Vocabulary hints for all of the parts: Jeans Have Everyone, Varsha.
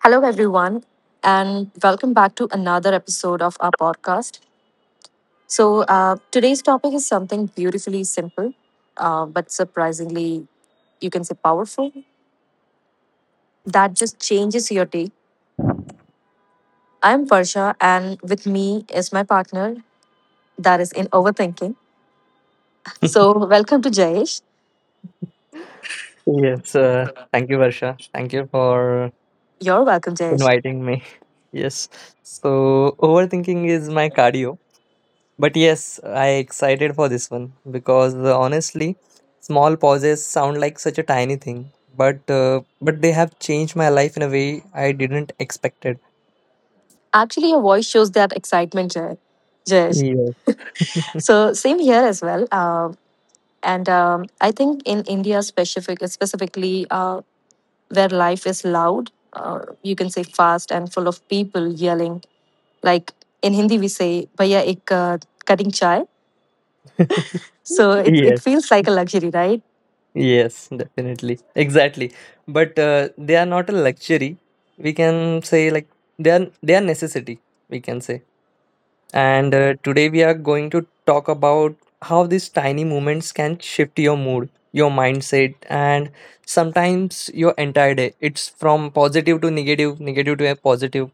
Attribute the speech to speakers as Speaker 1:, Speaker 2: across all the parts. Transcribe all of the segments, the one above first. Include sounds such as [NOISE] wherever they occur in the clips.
Speaker 1: Hello, everyone, and welcome back to another episode of our podcast. So, today's topic is something beautifully simple, but surprisingly, you can say powerful, that just changes your day. I'm Varsha, and with me is my partner that is in overthinking. So, welcome to Jayesh.
Speaker 2: [LAUGHS] Yes, thank you, Varsha. Thank you for
Speaker 1: You're welcome, Jayesh.
Speaker 2: inviting me. [LAUGHS] Yes. So overthinking is my cardio. But yes, I excited for this one because, honestly, small pauses sound like such a tiny thing, but they have changed my life in a way I didn't expect it.
Speaker 1: Actually, your voice shows that excitement, Jayesh.
Speaker 2: Yeah.
Speaker 1: So, same here as well. And I think in India specifically, where life is loud, you can say fast and full of people yelling. Like in Hindi, we say "Bhaiya ek cutting chai."
Speaker 2: [LAUGHS] [LAUGHS]
Speaker 1: So it
Speaker 2: Yes.
Speaker 1: feels like a luxury, right?
Speaker 2: Yes, definitely. Exactly. But they are not a luxury. We can say, like, they are necessity, we can say. And today we are going to talk about how these tiny moments can shift your mood, your mindset, and sometimes your entire day. It's from positive to negative, negative to a positive.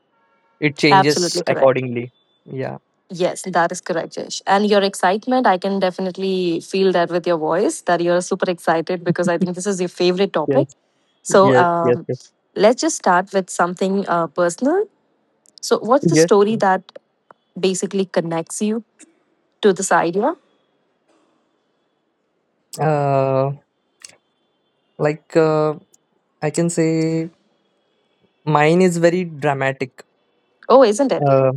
Speaker 2: It
Speaker 1: Absolutely
Speaker 2: changes
Speaker 1: correct.
Speaker 2: accordingly. Yeah.
Speaker 1: Yes, that is correct, Jesh. And your excitement, I can definitely feel that with your voice that you're super excited because I think this is your favorite topic.
Speaker 2: Yes.
Speaker 1: So
Speaker 2: Yes. Yes. Yes.
Speaker 1: let's just start with something personal. So, what's the
Speaker 2: Yes.
Speaker 1: story that basically connects you to this idea?
Speaker 2: Uh, like, I can say mine is very dramatic.
Speaker 1: Oh, isn't it?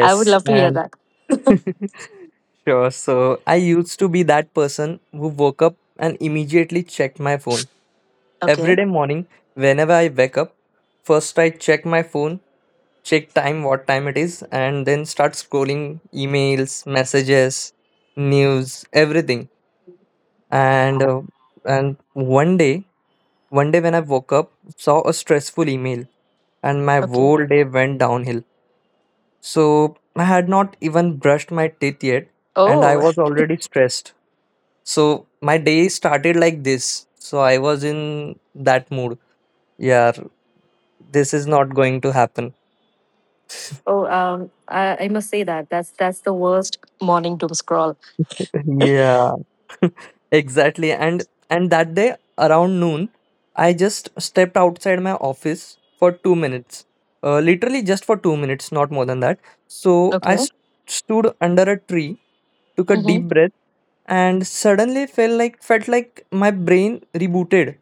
Speaker 1: I would love to hear
Speaker 2: and
Speaker 1: that.
Speaker 2: [LAUGHS] sure. So I used to be that person who woke up and immediately checked my phone. Every
Speaker 1: Okay.
Speaker 2: day morning, whenever I wake up, first I check my phone, check time, what time it is, and then start scrolling emails, messages, news, everything. And uh, and one day, when I woke up, saw a stressful email, and my
Speaker 1: Okay.
Speaker 2: whole day went downhill. So I had not even brushed my teeth yet, and I
Speaker 1: Oh,
Speaker 2: was already stressed. So my day started like this. So I was in that mood. Yeah, this is not going to happen.
Speaker 1: oh. I must say that that's the worst morning doom scroll.
Speaker 2: [LAUGHS] Yeah, exactly. And that day around noon, I just stepped outside my office for 2 minutes. Literally just for 2 minutes, not more than that. So I
Speaker 1: Okay.
Speaker 2: stood under a tree, took a deep
Speaker 1: Mm-hmm.
Speaker 2: breath and suddenly felt like my brain rebooted.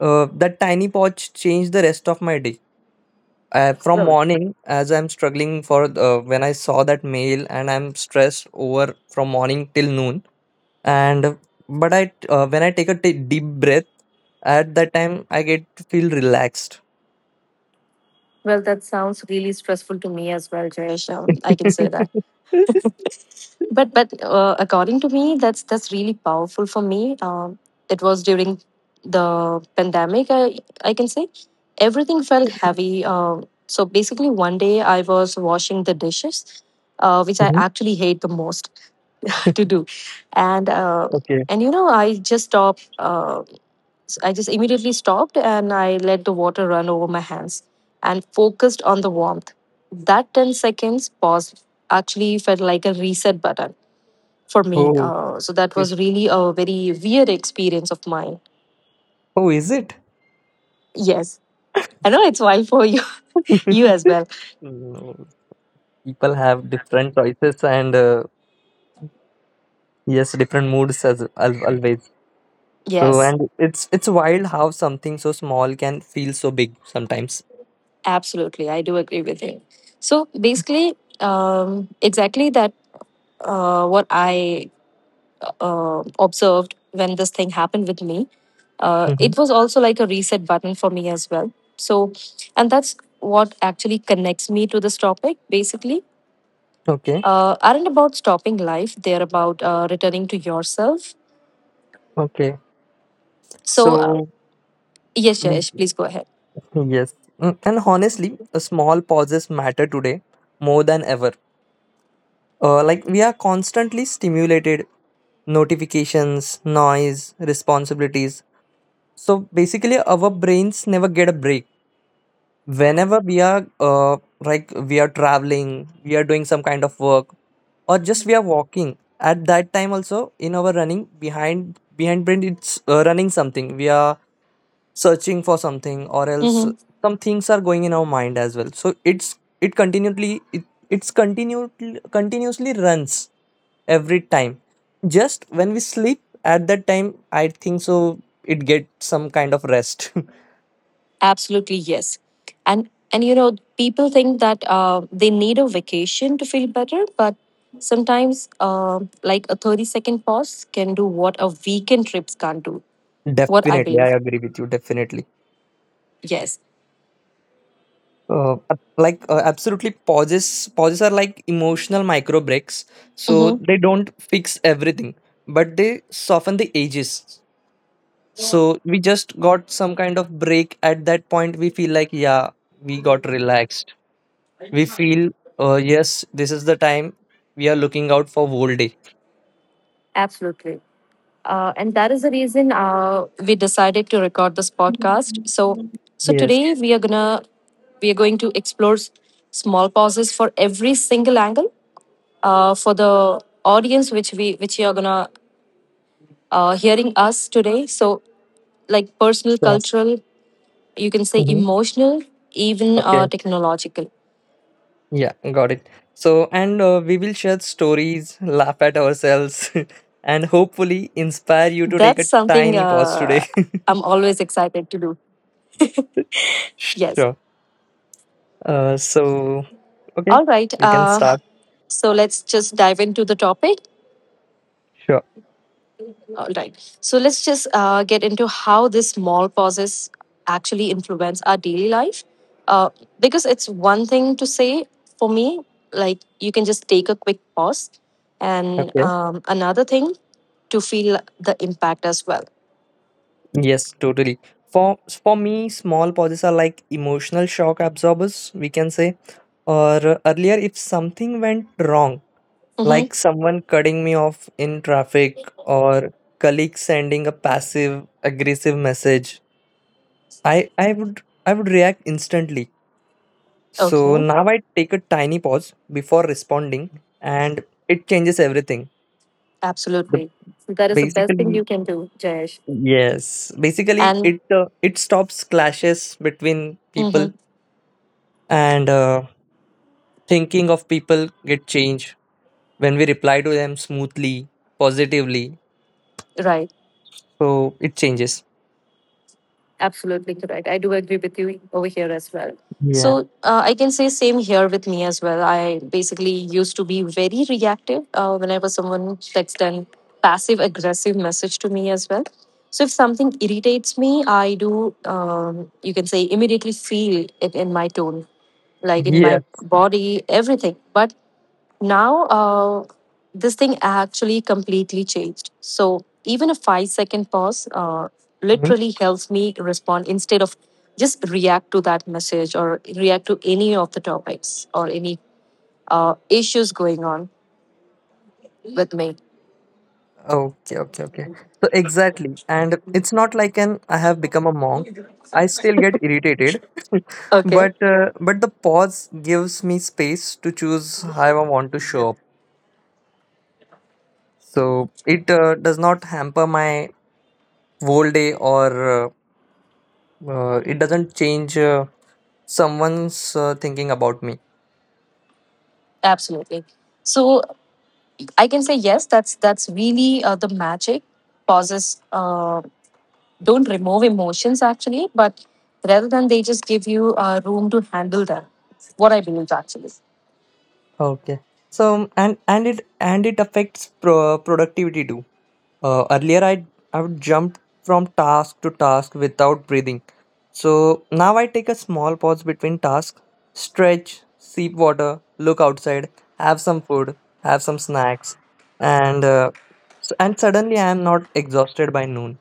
Speaker 2: That tiny pause changed the rest of my day. From
Speaker 1: Well,
Speaker 2: morning, as I'm struggling for, when I saw that mail and I'm stressed over from morning till noon. And but I when I take a deep breath at that time, I get to feel relaxed. [LAUGHS]
Speaker 1: well, that sounds really stressful to me as well, Jayesh. I can say that. But according to me, that's really powerful for me. It was during the pandemic. I can say everything felt heavy. So basically, one day I was washing the dishes, which I
Speaker 2: Mhm.
Speaker 1: actually hate the most to do. and uh,
Speaker 2: Okay.
Speaker 1: and I just immediately stopped, and I let the water run over my hands and focused on the warmth. That 10 seconds pause actually felt like a reset button for me.
Speaker 2: Oh,
Speaker 1: So that
Speaker 2: is-
Speaker 1: was really a very weird experience of mine.
Speaker 2: oh, is it?
Speaker 1: Yes, I know, it's wild for you [LAUGHS] you as
Speaker 2: [LAUGHS]
Speaker 1: well.
Speaker 2: No, people have different choices and. Yes, different moods as always. So,
Speaker 1: Yes,
Speaker 2: and it's wild how something so small can feel so big sometimes.
Speaker 1: absolutely, I do agree with you. So basically, um, exactly that, what I observed when this thing happened with me,
Speaker 2: Hmm.
Speaker 1: it was also like a reset button for me as well. So, and that's what actually connects me to this topic basically,
Speaker 2: Okay,
Speaker 1: aren't about stopping life, they're about, returning to yourself.
Speaker 2: okay.
Speaker 1: So,
Speaker 2: So,
Speaker 1: yes, yes,
Speaker 2: mm,
Speaker 1: please go ahead.
Speaker 2: yes. And honestly, a small pauses matter today more than ever. Like we are constantly stimulated, notifications, noise, responsibilities. So basically, our brains never get a break. Whenever we are, like we are traveling, we are doing some kind of work or just we are walking, at that time also in our running behind brain, it's running something, we are searching for something or else
Speaker 1: hmm
Speaker 2: some things are going in our mind as well. So it's it continually, it, it's continually continuously runs every time. Just when we sleep, at that time I think so it gets some kind of rest. [LAUGHS]
Speaker 1: Absolutely, yes. And people think that they need a vacation to feel better, but sometimes like a 30-second pause can do what a weekend trips can't do what I
Speaker 2: Definitely, I
Speaker 1: believe.
Speaker 2: agree with you. Definitely,
Speaker 1: Yes.
Speaker 2: like, absolutely pauses are like emotional micro breaks. So
Speaker 1: hmm
Speaker 2: they don't fix everything, but they soften the edges. So we just got some kind of break at that point. We feel like, yeah, we got relaxed. We feel, yes, this is the time we are looking out for whole day.
Speaker 1: Absolutely. And that is the reason we decided to record this podcast. So,
Speaker 2: Yes,
Speaker 1: today we are going to explore small pauses for every single angle, for the audience which you are gonna hearing us today. So, like personal,
Speaker 2: sure.
Speaker 1: cultural, you can say
Speaker 2: Mhm.
Speaker 1: emotional, even technological.
Speaker 2: Yeah, got it. So, and we will share stories, laugh at ourselves, [LAUGHS] and hopefully inspire you to take
Speaker 1: That's
Speaker 2: a
Speaker 1: something
Speaker 2: tiny pause today. [LAUGHS]
Speaker 1: I'm always excited to do. Yes.
Speaker 2: Sure. So, okay,
Speaker 1: All right.
Speaker 2: you can
Speaker 1: Uh,
Speaker 2: start.
Speaker 1: so let's just dive into the topic.
Speaker 2: Sure.
Speaker 1: All right. So let's just get into how these small pauses actually influence our daily life. Uh, because it's one thing to say for me, like you can just take a quick pause, and
Speaker 2: Okay.
Speaker 1: another thing to feel the impact as well.
Speaker 2: Yes, totally. For for me, small pauses are like emotional shock absorbers, we can say. Or earlier, if something went wrong,
Speaker 1: Mm-hmm.
Speaker 2: like someone cutting me off in traffic, or colleague sending a passive aggressive message, I would react instantly. So
Speaker 1: Okay.
Speaker 2: now I take a tiny pause before responding, and it changes everything. The
Speaker 1: Absolutely. So that is the best thing
Speaker 2: basically
Speaker 1: you can do, Jayesh.
Speaker 2: yes, basically
Speaker 1: And
Speaker 2: it stops clashes between people,
Speaker 1: mm-hmm,
Speaker 2: and thinking of people get changed when we reply to them smoothly, positively.
Speaker 1: right.
Speaker 2: So it changes.
Speaker 1: Absolutely correct. I do agree with you over here as well.
Speaker 2: Yeah.
Speaker 1: So I can say same here with me as well. I basically used to be very reactive whenever someone texts an passive aggressive message to me as well. So if something irritates me, I do you can say immediately feel it in my tone, like in
Speaker 2: Yeah.
Speaker 1: my body, everything. But now, this thing actually completely changed. So, even a 5-second pause
Speaker 2: Mhm.
Speaker 1: literally helps me respond instead of just react to that message or react to any of the topics or any issues going on with me.
Speaker 2: Okay. Okay. Okay. So exactly, and it's not like an I have become a monk. I still get irritated.
Speaker 1: Okay,
Speaker 2: But the pause gives me space to choose how I want to show up. So it does not hamper my whole day or, it doesn't change, someone's, thinking about me.
Speaker 1: absolutely. So, I can say yes. That's really, the magic. Pauses, don't remove emotions actually, but rather than they just give you room to handle them. What I believe actually.
Speaker 2: Okay. So and it affects productivity too. Earlier, I would jump from task to task without breathing. So now I take a small pause between tasks, stretch, sip water, look outside, have some food, have some snacks, and uh, and suddenly I am not exhausted by noon.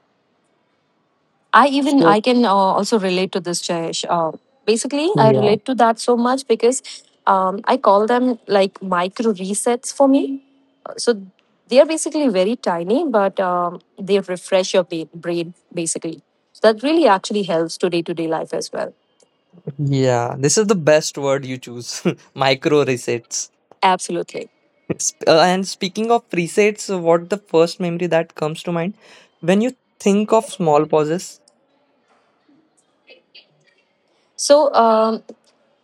Speaker 1: I even
Speaker 2: So
Speaker 1: I can also relate to this, Jayesh. Basically, I
Speaker 2: yeah,
Speaker 1: relate to that so much because I call them like micro resets for me. So they are basically very tiny, but they refresh your brain basically. So that really actually helps to day life as well.
Speaker 2: yeah, this is the best word you choose. [LAUGHS] Micro resets.
Speaker 1: Absolutely.
Speaker 2: And speaking of presets, what the first memory that comes to mind when you think of small pauses?
Speaker 1: So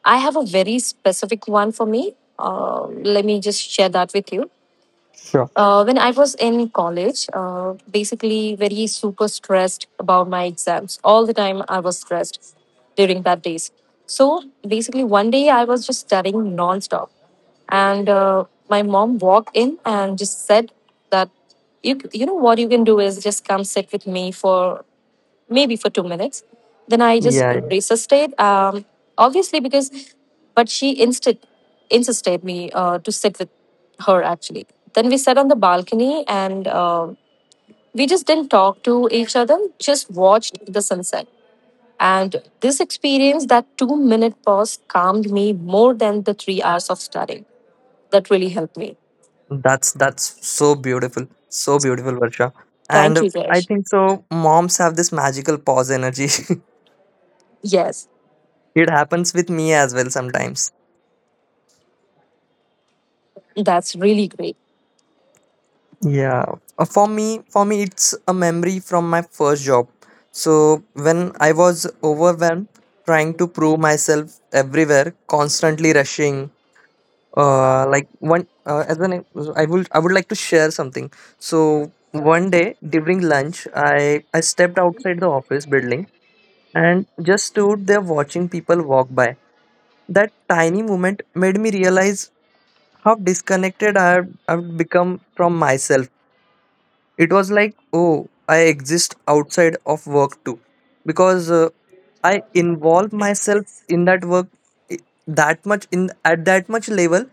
Speaker 1: I have a very specific one for me. Let me just share that with you.
Speaker 2: Sure.
Speaker 1: When I was in college, basically very super stressed about my exams. All the time I was stressed during that days. So basically one day I was just studying nonstop, and my mom walked in and just said that you know what you can do is just come sit with me for maybe for 2 minutes. Then I just
Speaker 2: Yeah,
Speaker 1: resisted, obviously because, but she insisted me to sit with her actually. Then we sat on the balcony and we just didn't talk to each other, just watched the sunset. And this experience, that 2-minute pause, calmed me more than the 3 hours of studying. That really helped me.
Speaker 2: that's so beautiful, Varsha.
Speaker 1: Thank you,
Speaker 2: And I
Speaker 1: Zesh.
Speaker 2: think so. Moms have this magical pause energy.
Speaker 1: Yes,
Speaker 2: [LAUGHS] It happens with me as well sometimes.
Speaker 1: that's really great.
Speaker 2: Yeah. For me, it's a memory from my first job. So when I was overwhelmed, trying to prove myself everywhere, constantly rushing. Like one as an I would like to share something. So one day during lunch, I stepped outside the office building and just stood there watching people walk by. That tiny moment made me realize how disconnected I've become from myself. It was like, oh, I exist outside of work too, because I involve myself in that work i- that much, in at that much level.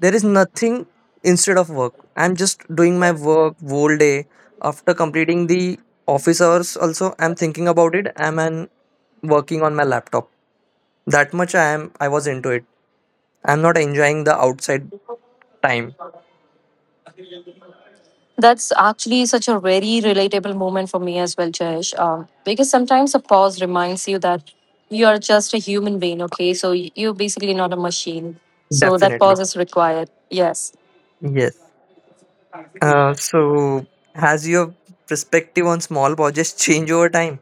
Speaker 2: There is nothing instead of work. I'm just doing my work whole day. After completing the office hours, also I'm thinking about it. I'm an working on my laptop. That much I was into it. I'm not enjoying the outside time.
Speaker 1: That's actually such a very relatable moment for me as well, Jayesh. Because sometimes a pause reminds you that you are just a human being, okay? So you're basically not a machine. So that
Speaker 2: Definitely.
Speaker 1: pause is required. Yes.
Speaker 2: Yes. So has your perspective on small projects [LAUGHS] changed over time?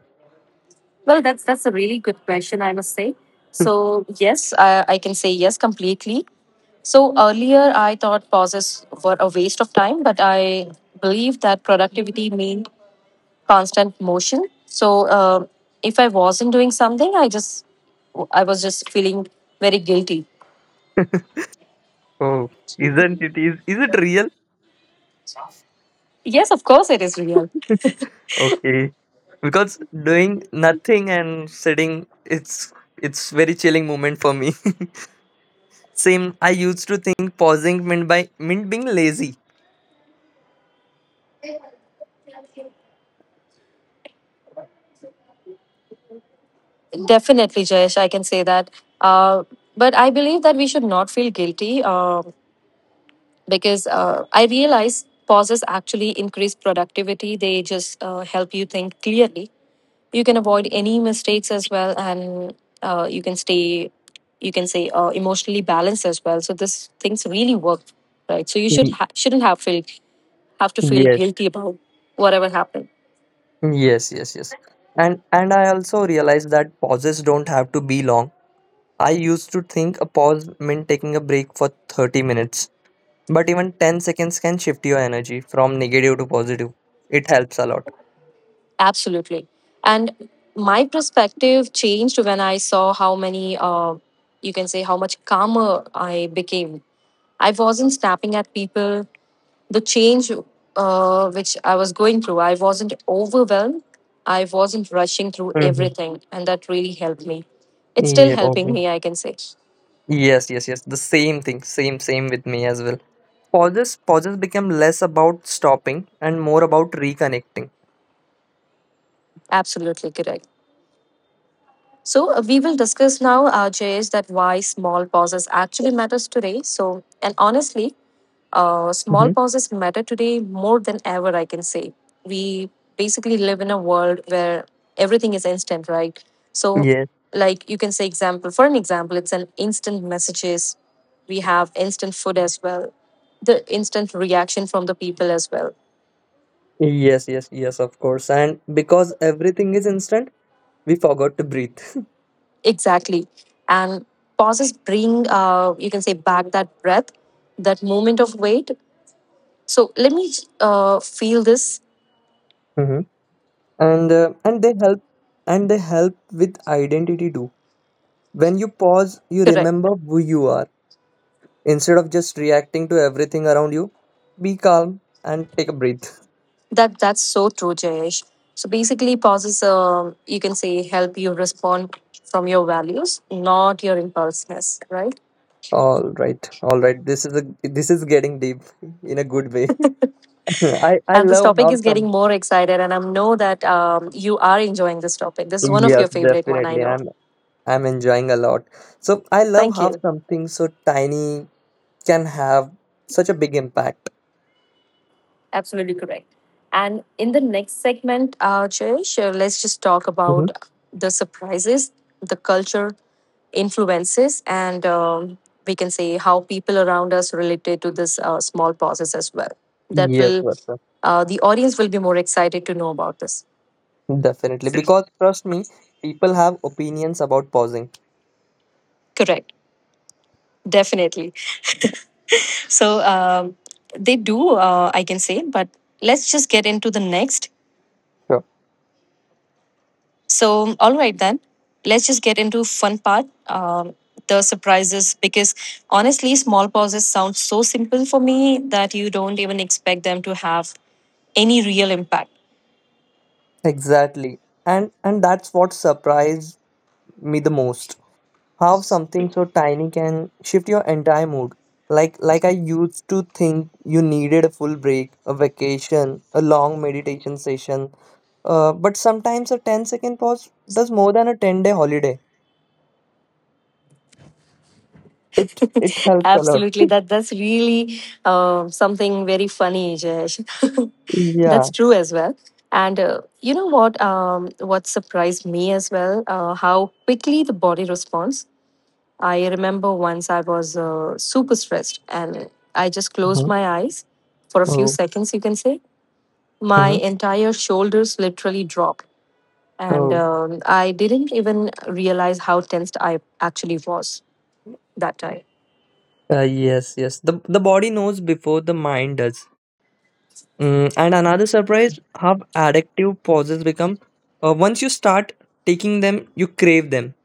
Speaker 1: Well, that's a really good question, I must say.
Speaker 2: [LAUGHS]
Speaker 1: So yes, I can say yes completely. So earlier, I thought pauses were a waste of time, but I believe that productivity means constant motion. So if I wasn't doing something, I was just feeling very guilty.
Speaker 2: Oh, isn't it is it real?
Speaker 1: Yes, of course it is real.
Speaker 2: [LAUGHS] Okay. Because doing nothing and sitting, it's very chilling moment for me. [LAUGHS] Same. I used to think pausing meant being lazy.
Speaker 1: Definitely, Jayesh, I can say that. Uh, but I believe that we should not feel guilty because I realize pauses actually increase productivity. They just help you think clearly. You can avoid any mistakes as well, and you can say emotionally balanced as well. So this things really work, right? So you
Speaker 2: Y-
Speaker 1: shouldn't have to feel
Speaker 2: Yes.
Speaker 1: guilty about whatever happened.
Speaker 2: Yes, yes, yes. And I also realized that pauses don't have to be long. I used to think a pause meant taking a break for 30 minutes, but even 10 seconds can shift your energy from negative to positive. It helps a lot.
Speaker 1: Absolutely. And my perspective changed when I saw how many you can say how much calmer I became. I wasn't snapping at people. The change, which I was going through, I wasn't overwhelmed. I wasn't rushing through
Speaker 2: Mm-hmm.
Speaker 1: everything. And that really helped me. It's still
Speaker 2: Yeah,
Speaker 1: helping
Speaker 2: okay.
Speaker 1: me, I can say.
Speaker 2: Yes, yes, yes. The same thing, same, same with me as well. Pauses become less about stopping and more about reconnecting.
Speaker 1: Absolutely correct. So, we will discuss now, Jayesh, that why small pauses actually matters today. So, and honestly, small
Speaker 2: Mm-hmm.
Speaker 1: pauses matter today more than ever, I can say. We basically live in a world where everything is instant, right? So,
Speaker 2: Yes,
Speaker 1: like you can say, example for an example, it's an instant messages. We have instant food as well, the instant reaction from the people as well.
Speaker 2: yes, yes, yes, of course. And because everything is instant, we forgot to breathe. [LAUGHS]
Speaker 1: Exactly, and pauses bring you can say back that breath, that moment of wait. So let me feel this
Speaker 2: Mm-hmm. And they help with identity too. When you pause, you
Speaker 1: correct.
Speaker 2: remember who you are instead of just reacting to everything around you. Be calm and take a breath.
Speaker 1: That's so true, Jayesh. So basically, pauses you can say help you respond from your values, not your impulsiveness, right?
Speaker 2: All right, all right. This is getting deep in a good way. [LAUGHS] I
Speaker 1: And this
Speaker 2: love
Speaker 1: topic
Speaker 2: how
Speaker 1: is getting
Speaker 2: some.
Speaker 1: more excited, and I know that you are enjoying this topic. This is one of
Speaker 2: Yes,
Speaker 1: your favorite one, I
Speaker 2: definitely.
Speaker 1: know.
Speaker 2: I'm enjoying a lot. So I love
Speaker 1: Thank
Speaker 2: how
Speaker 1: you.
Speaker 2: something so tiny can have such a big impact.
Speaker 1: Absolutely correct. And in the next segment, Jayesh, let's just talk about
Speaker 2: Mhm.
Speaker 1: the surprises, the culture, influences and we can say how people around us related to this small pauses as well that
Speaker 2: Yes,
Speaker 1: will
Speaker 2: Varsha.
Speaker 1: the audience will be more excited to know about this
Speaker 2: Definitely, because trust me, people have opinions about pausing.
Speaker 1: correct. Definitely. So they do I can say, but let's just get into the next.
Speaker 2: Sure.
Speaker 1: So all right, then let's just get into fun part, the surprises, because honestly small pauses sound so simple for me that you don't even expect them to have any real impact.
Speaker 2: Exactly. And that's what surprised me the most. How something so tiny can shift your entire mood. Like, I used to think you needed a full break, a vacation, a long meditation session. But sometimes a ten second pause does more than a 10-day holiday. It
Speaker 1: [LAUGHS]
Speaker 2: helps a lot.
Speaker 1: Absolutely,
Speaker 2: [LAUGHS]
Speaker 1: that's really something very funny, Jayesh. [LAUGHS] That's
Speaker 2: Yeah.
Speaker 1: true as well. And you know what? What surprised me as well? How quickly the body responds. I remember once I was super stressed, and I just closed
Speaker 2: Hmm.
Speaker 1: my eyes for a few
Speaker 2: Oh.
Speaker 1: seconds. You can say my
Speaker 2: Hmm.
Speaker 1: entire shoulders literally dropped, and
Speaker 2: Oh.
Speaker 1: I didn't even realize how tensed I actually was that time.
Speaker 2: Yes, yes. The body knows before the mind does. And another surprise, how addictive pauses become. Once you start taking them, you crave them.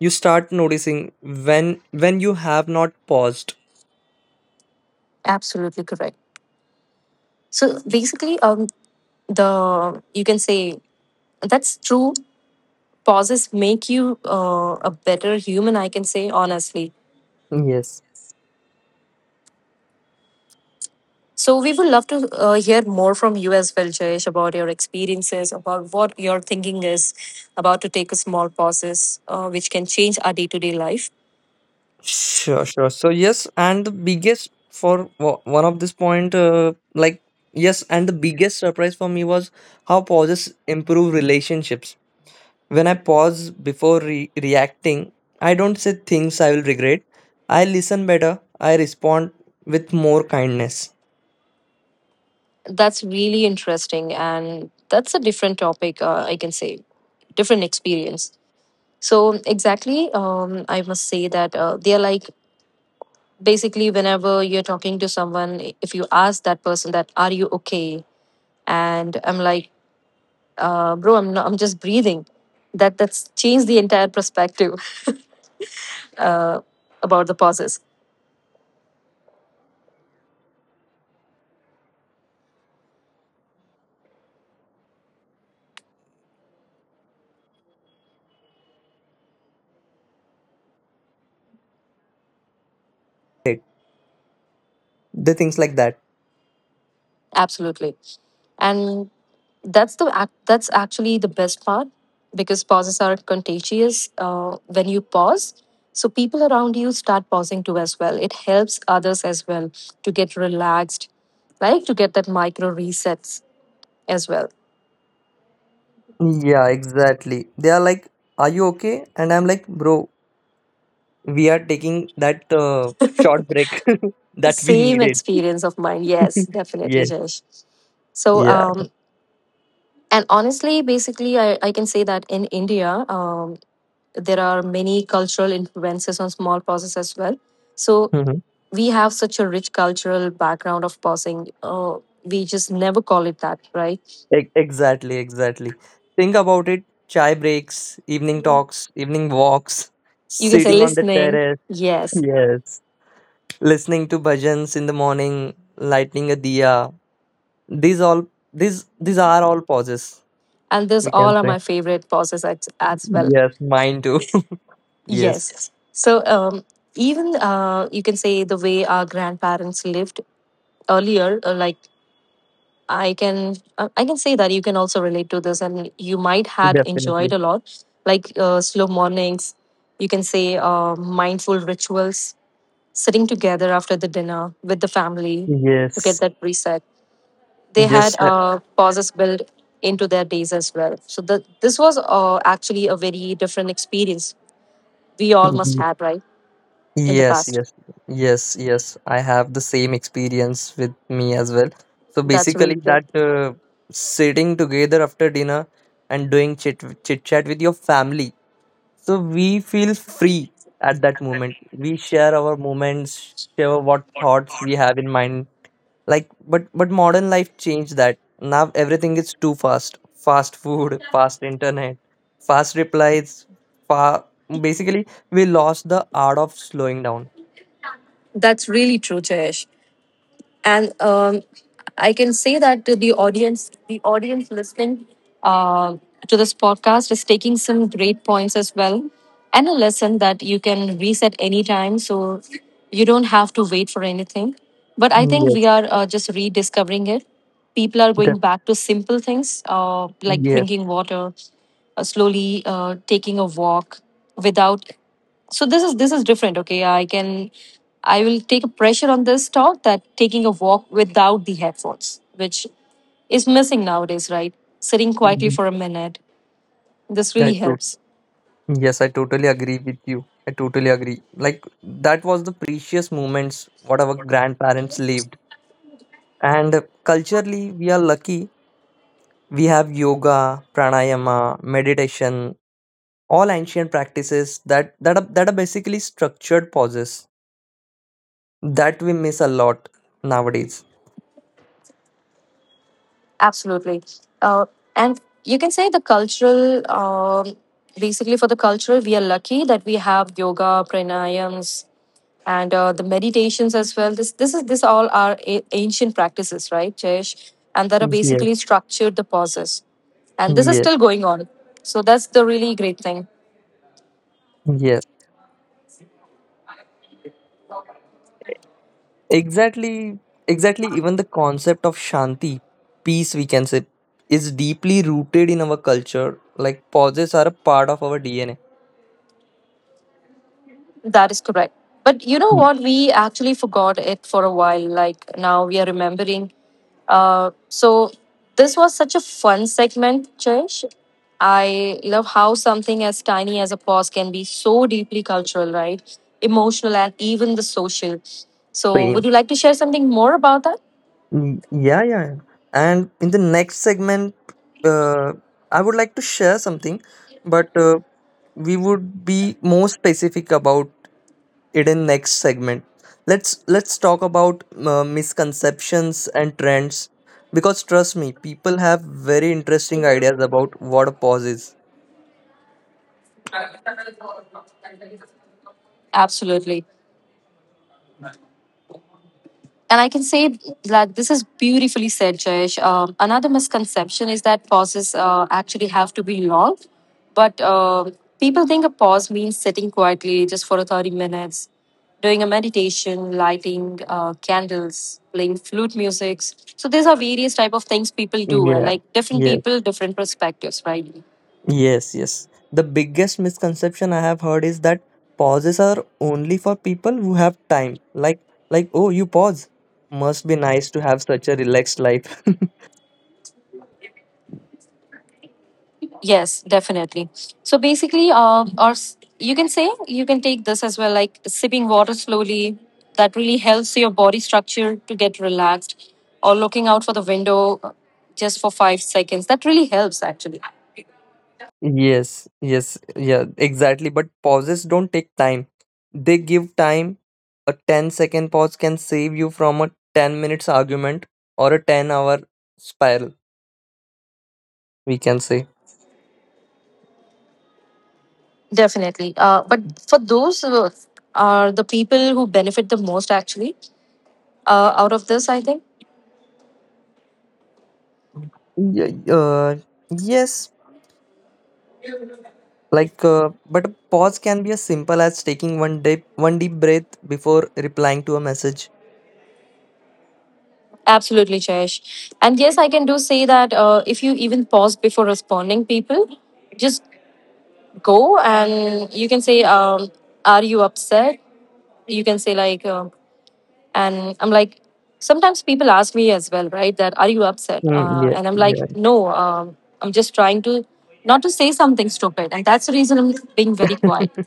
Speaker 2: You start noticing when you have not paused.
Speaker 1: Absolutely correct. So basically, the you can say that's true. Pauses make you a better human, I can say honestly.
Speaker 2: Yes.
Speaker 1: So we would love to hear more from you as well, Jayesh, about your experiences, about what your thinking is about to take a small pauses, which can change our day to day life.
Speaker 2: Sure, sure. So yes, and the biggest for wa- one of this point, like yes, and the biggest surprise for me was how pauses improve relationships. When I pause before reacting, I don't say things I will regret. I listen better. I respond with more kindness.
Speaker 1: That's really interesting, and that's a different topic, I can say different experience. So exactly, I must say that they are like basically, whenever you're talking to someone, if you ask that person that are you okay, and I'm like, bro, I'm not, I'm just breathing. That's changed the entire perspective [LAUGHS] uh, about the process.
Speaker 2: It the things like that.
Speaker 1: Absolutely. And that's that's actually the best part because pauses are contagious. When you pause, so people around you start pausing too as well. It helps others as well to get relaxed, like to get that micro resets as well.
Speaker 2: Yeah, exactly. They are like, "Are you okay?" And I'm like, "Bro, we are taking that, short break [LAUGHS] that we
Speaker 1: Same
Speaker 2: needed."
Speaker 1: experience of mine. Yes,
Speaker 2: [LAUGHS]
Speaker 1: definitely,
Speaker 2: Yes.
Speaker 1: Jayesh. So,
Speaker 2: Yeah.
Speaker 1: and honestly, basically, I can say that in India, there are many cultural influences on small pauses as well. So,
Speaker 2: Mhm.
Speaker 1: we have such a rich cultural background of pausing. We just never call it that, right?
Speaker 2: Exactly. Exactly. Think about it. Chai breaks, evening talks, evening walks,
Speaker 1: You can say
Speaker 2: sitting on the
Speaker 1: listening,
Speaker 2: terrace. [LAUGHS]
Speaker 1: yes.
Speaker 2: Yes. Listening to bhajans in the morning, lighting a diya. These all, these, these are all pauses,
Speaker 1: And this
Speaker 2: we can
Speaker 1: all are
Speaker 2: say.
Speaker 1: my favorite pauses as well,
Speaker 2: Yes, mine too. [LAUGHS] Yes.
Speaker 1: yes. So, even you can say the way our grandparents lived earlier, like I can say that you can also relate to this, and you might had enjoyed
Speaker 2: Definitely.
Speaker 1: a lot, like slow mornings. You can say mindful rituals, sitting together after the dinner with the family to get
Speaker 2: Yes.
Speaker 1: that reset. They had
Speaker 2: Just uh,
Speaker 1: pauses built into their days as well. So this was actually a very different experience we all must
Speaker 2: mm,
Speaker 1: had, right, in the
Speaker 2: yes,
Speaker 1: past.
Speaker 2: yes, yes, yes. I have the same experience with me as well. So
Speaker 1: That's really
Speaker 2: basically,
Speaker 1: great.
Speaker 2: that sitting together after dinner and doing chit chat with your family. So we feel free at that moment. We share our moments, share what thoughts we have in mind, like but modern life changed that. Now everything is too fast. Fast food, [LAUGHS] fast internet, fast replies, fa- basically we lost the art of slowing down.
Speaker 1: That's really true, Jayesh. And I can say that the audience listening uh, to this podcast is taking some great points as well, and a lesson that you can reset anytime, so you don't have to wait for anything. But I think
Speaker 2: Yes,
Speaker 1: we are just rediscovering it. People are going
Speaker 2: that,
Speaker 1: back to simple things like
Speaker 2: yes.
Speaker 1: drinking water, slowly, taking a walk without. So this is different. Okay, I will take a pressure on this thought that taking a walk without the headphones, which is missing nowadays, right? Sitting quietly
Speaker 2: Mhm.
Speaker 1: for a minute, this really
Speaker 2: I to-
Speaker 1: helps.
Speaker 2: yes, I totally agree with you. I totally agree. Like, that was the precious moments what our grandparents lived, and culturally we are lucky. We have yoga, pranayama, meditation, all ancient practices that that are basically structured pauses that we miss a lot nowadays.
Speaker 1: Absolutely. Uh, and you can say the cultural, basically for the cultural, we are lucky that we have yoga, pranayams, and the meditations as well. This all are ancient practices, right, Jayesh? And that are basically
Speaker 2: Yes,
Speaker 1: structured the pauses, and this is
Speaker 2: yes,
Speaker 1: still going on. So that's the really great thing.
Speaker 2: yes, exactly, exactly. Even the concept of shanti, peace we can say, is deeply rooted in our culture. Like, pauses are a part of our DNA.
Speaker 1: That is correct. But you know
Speaker 2: Y-
Speaker 1: what? We actually forgot it for a while. Like now we are remembering. So this was such a fun segment, Chesh. I love how something as tiny as a pause can be so deeply cultural, right? Emotional and even the social. So would
Speaker 2: Same.
Speaker 1: you like to share something more about that?
Speaker 2: Yeah, yeah, yeah. And in the next segment, uh, I would like to share something, but we would be more specific about it in next segment. Let's talk about misconceptions and trends, because trust me, people have very interesting ideas about what a pause is.
Speaker 1: Absolutely. And I can say that this is beautifully said, Jayesh. Another misconception is that pauses actually have to be long, but people think a pause means sitting quietly just for 30 minutes, doing a meditation, lighting candles, playing flute music. So these are various type of things people do, and
Speaker 2: Yeah.
Speaker 1: like different
Speaker 2: Yes.
Speaker 1: people, different perspectives, right?
Speaker 2: Yes. Yes. The biggest misconception I have heard is that pauses are only for people who have time. Like, oh, you pause. Must be nice to have such a relaxed life. [LAUGHS]
Speaker 1: Yes, definitely. So basically, you can say you can take this as well, like sipping water slowly. That really helps your body structure to get relaxed, or looking out for the window just for 5 seconds. That really helps, actually.
Speaker 2: Yes, yes, yeah, exactly. But pauses don't take time. They give time. A ten-second pause can save you from a 10 minute minutes argument or a 10-hour spiral, we can say.
Speaker 1: Definitely. But for those who are the people who benefit the most, actually, out of this, I think.
Speaker 2: Yeah, yes, like, but a pause can be as simple as taking one deep breath before replying to a message.
Speaker 1: Absolutely, Jayesh. And yes, I can do say that if you even pause before responding, people just go, and you can say, are you upset? You can say, like, and I'm like, sometimes people ask me as well, right, that are you upset,
Speaker 2: Mm, yeah,
Speaker 1: and I'm like, no, I'm just trying to not to say something stupid, and that's the reason I'm being very
Speaker 2: yeah.
Speaker 1: quiet.
Speaker 2: [LAUGHS]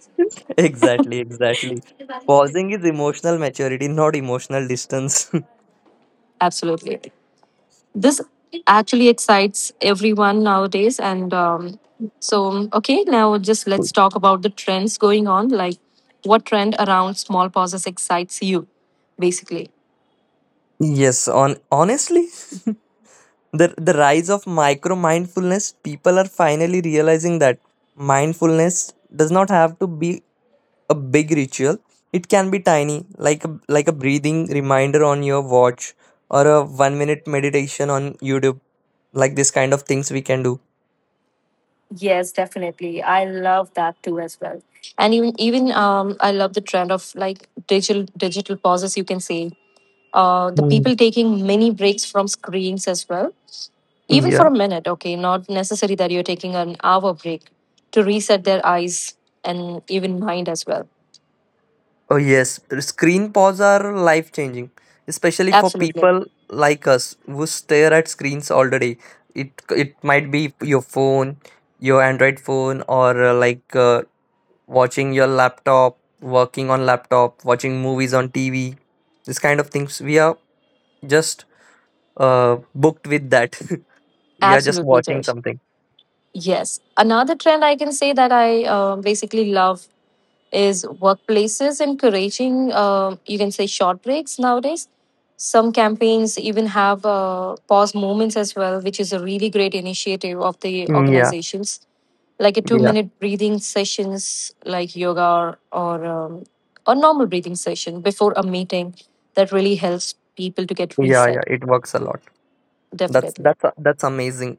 Speaker 2: Exactly, exactly. Pausing is emotional maturity, not emotional distance. [LAUGHS]
Speaker 1: Absolutely, this actually excites everyone nowadays. And um, so okay, now just let's talk about the trends going on, like what trend around small pauses excites you basically?
Speaker 2: Yes, on honestly, the rise of micro mindfulness, people are finally realizing that mindfulness does not have to be a big ritual. It can be tiny, like like a breathing reminder on your watch, or a 1 minute meditation on YouTube, like this kind of things we can do.
Speaker 1: Yes, definitely. I love that too as well. And even even I love the trend of like digital pauses. You can say the
Speaker 2: Hmm.
Speaker 1: people taking mini breaks from screens as well, even for
Speaker 2: Yeah.
Speaker 1: a minute. Okay, not necessary that you're taking an hour break to reset their eyes and even mind as well.
Speaker 2: Oh, yes. Screen pause are life changing, especially for
Speaker 1: Absolutely,
Speaker 2: people like us who stare at screens all the day. It might be your phone, your Android phone, or like watching your laptop, working on laptop, watching movies on TV, this kind of things. We are just booked with that. [LAUGHS] We are just
Speaker 1: absolutely,
Speaker 2: watching
Speaker 1: Jayesh.
Speaker 2: something.
Speaker 1: Yes. Another trend I can say that I basically love is workplaces encouraging, you can say, short breaks nowadays. Some campaigns even have pause moments as well, which is a really great initiative of the
Speaker 2: Mm, yeah,
Speaker 1: organizations, like a
Speaker 2: yeah,
Speaker 1: 2-minute breathing sessions, like yoga or a normal breathing session before a meeting. That really helps people to get
Speaker 2: yeah, yeah.
Speaker 1: reset.
Speaker 2: It works a lot. That's
Speaker 1: Definitely.
Speaker 2: that's that's amazing.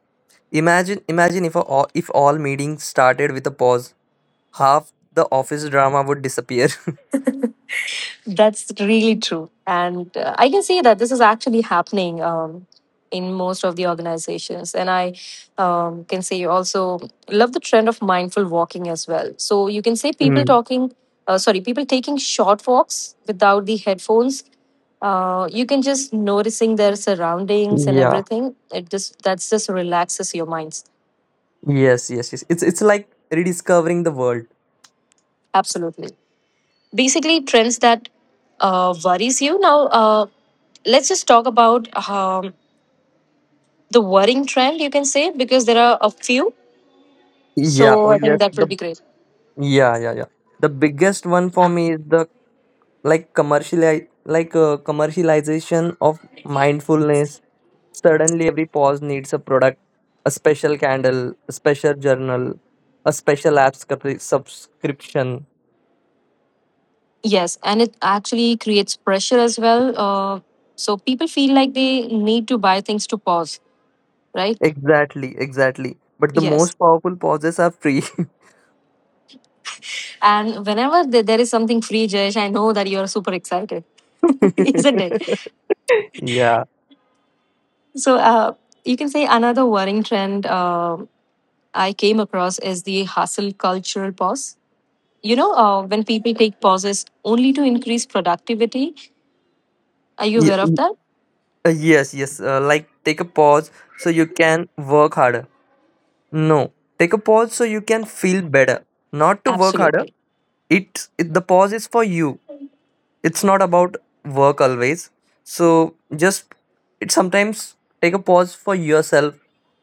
Speaker 2: Imagine, imagine if all, if all meetings started with a pause, half the office drama would disappear. [LAUGHS]
Speaker 1: That's really true. And I can see that this is actually happening in most of the organizations. And I can say also love the trend of mindful walking as well. So you can say
Speaker 2: Mm,
Speaker 1: people taking short walks without the headphones. You can just noticing their surroundings and
Speaker 2: yeah.
Speaker 1: everything. It just, that's just relaxes your minds.
Speaker 2: Yes, yes, yes. It's like rediscovering the world.
Speaker 1: Absolutely. Basically, trends that worries you now. Let's just talk about. The worrying trend, you can say, because there are a few.
Speaker 2: Yeah.
Speaker 1: So
Speaker 2: Oh,
Speaker 1: I think
Speaker 2: yes.
Speaker 1: that will be great.
Speaker 2: Yeah, yeah. The biggest one for me is the commercial, like commercialization of mindfulness. Suddenly, every pause needs a product, a special candle, a special journal, a special app subscription.
Speaker 1: Yes, and it actually creates pressure as well. So people feel like they need to buy things to pause, right?
Speaker 2: Exactly, exactly. But the
Speaker 1: Yes.
Speaker 2: most powerful pauses are free.
Speaker 1: And whenever there is something free, Jesh, I know that you're super excited, [LAUGHS] isn't it?
Speaker 2: [LAUGHS] Yeah.
Speaker 1: So you can say another worrying trend I came across is the hustle cultural pause. You know, when people take pauses only to increase productivity, are you aware of
Speaker 2: Ye-
Speaker 1: that?
Speaker 2: Yes, yes. Like, take a pause so you can work harder. No, take a pause so you can feel better. Not to work harder.
Speaker 1: Absolutely.
Speaker 2: It, the pause is for you. It's not about work always. So just, it sometimes, take a pause for yourself,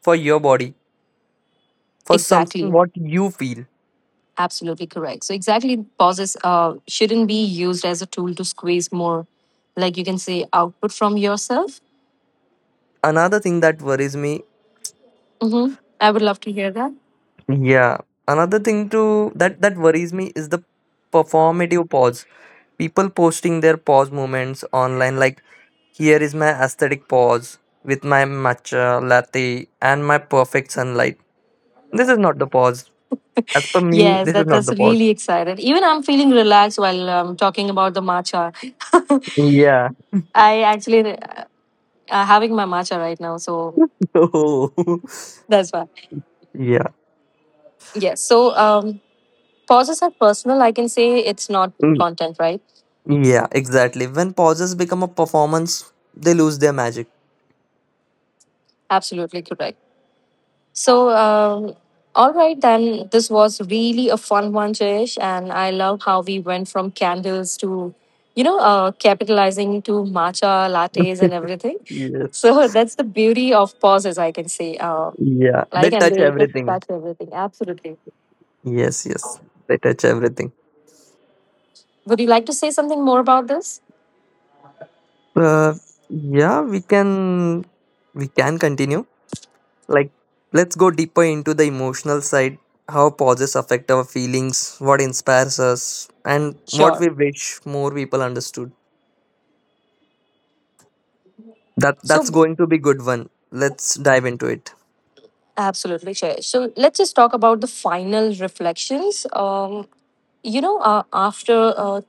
Speaker 2: for your body, for something
Speaker 1: Exactly.
Speaker 2: what you feel.
Speaker 1: Absolutely correct. So exactly pauses shouldn't be used as a tool to squeeze more, like you can say, output from yourself.
Speaker 2: Another thing that worries me.
Speaker 1: Mm-hmm. I would love to hear that.
Speaker 2: Yeah. Another thing too that worries me is the performative pause. People posting their pause moments online, like, here is my aesthetic pause with my matcha latte and my perfect sunlight. This is not the pause. As per me,
Speaker 1: Yes,
Speaker 2: this is
Speaker 1: that,
Speaker 2: not
Speaker 1: that's
Speaker 2: the pause.
Speaker 1: really excited. Even I'm feeling relaxed while talking about the matcha. [LAUGHS]
Speaker 2: Yeah. [LAUGHS]
Speaker 1: I actually having my matcha right now, so
Speaker 2: Oh. [LAUGHS]
Speaker 1: that's why.
Speaker 2: Yeah.
Speaker 1: Yes. So pauses are personal. I can say it's not
Speaker 2: Mm.
Speaker 1: content, right?
Speaker 2: Yeah, exactly. When pauses become a performance, they lose their magic.
Speaker 1: Absolutely correct. So, all right, then this was really a fun one, Jayesh, and I love how we went from candles to, capitalizing to matcha lattes and everything.
Speaker 2: [LAUGHS] Yes.
Speaker 1: So [LAUGHS] that's the beauty of pauses, I can say. Uh,
Speaker 2: Yeah. They
Speaker 1: like, and
Speaker 2: touch
Speaker 1: they just
Speaker 2: everything.
Speaker 1: touch everything. Absolutely.
Speaker 2: Yes, yes. They touch everything.
Speaker 1: Would you like to say something more about this?
Speaker 2: Uh, yeah, we can continue. Like, let's go deeper into the emotional side. How pauses affect our feelings, what inspires us, and what
Speaker 1: Sure.
Speaker 2: we wish more people understood. That's
Speaker 1: So,
Speaker 2: going to be good one. Let's dive into it.
Speaker 1: absolutely, Jayesh. So let's just talk about the final reflections. You know, after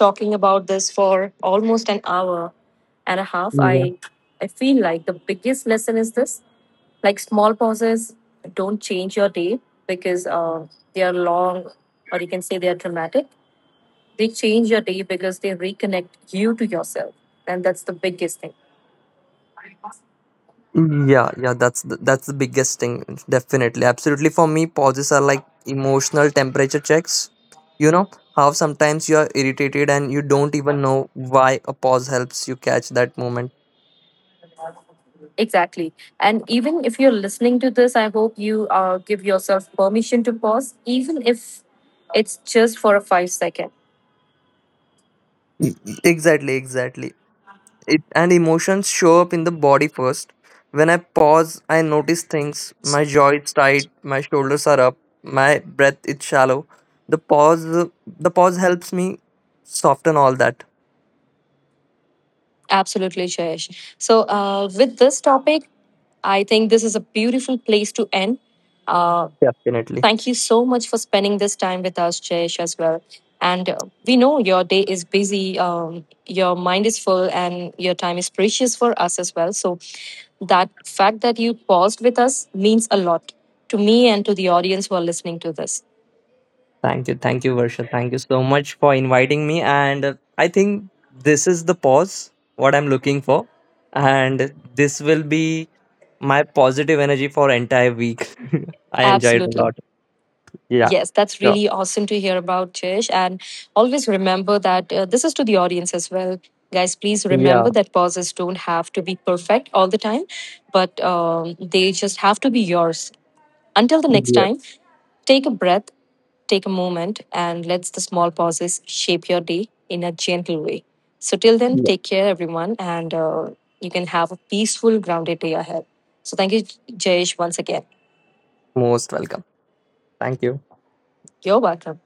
Speaker 1: talking about this for almost an hour and a half, I
Speaker 2: Yeah.
Speaker 1: I feel like the biggest lesson is this: like small pauses don't change your day because they are long, or you can say they are dramatic. They change your day because they reconnect you to yourself, and that's the biggest thing.
Speaker 2: Yeah, yeah, that's the biggest thing. Definitely, absolutely. For me, pauses are like emotional temperature checks. You know how sometimes you are irritated and you don't even know why? A pause helps you catch that moment.
Speaker 1: Exactly. And even if you're listening to this, I hope you give yourself permission to pause, even if it's just for a 5 second.
Speaker 2: E- Exactly, exactly. It, and emotions show up in the body first. When I pause, I notice things. My jaw is tight, my shoulders are up, my breath is shallow. The pause helps me soften all that.
Speaker 1: Absolutely, Jayesh. So, with this topic, I think this is a beautiful place to end. Uh,
Speaker 2: Definitely.
Speaker 1: Thank you so much for spending this time with us, Jayesh, as well. And we know your day is busy, your mind is full, and your time is precious for us as well. So, that fact that you paused with us means a lot to me and to the audience who are listening to this.
Speaker 2: Thank you. Thank you, Varsha. Thank you so much for inviting me. And I think this is the pause, what I'm looking for. And this will be my positive energy for entire week. [LAUGHS] I enjoyed a
Speaker 1: Absolutely.
Speaker 2: lot. Yeah.
Speaker 1: Yes, that's
Speaker 2: Sure.
Speaker 1: really awesome to hear about, Jish. And always remember that this is to the audience as well. Guys, please
Speaker 2: Yeah.
Speaker 1: remember that pauses don't have to be perfect all the time, but they just have to be yours. Until the next
Speaker 2: Yeah.
Speaker 1: time, take a breath, take a moment, and let the small pauses shape your day in a gentle way. So, till then,
Speaker 2: Yeah.
Speaker 1: take care, everyone, and you can have a peaceful, grounded day ahead. So, thank you, Jayesh, once again.
Speaker 2: Most welcome. Thank you.
Speaker 1: You're welcome.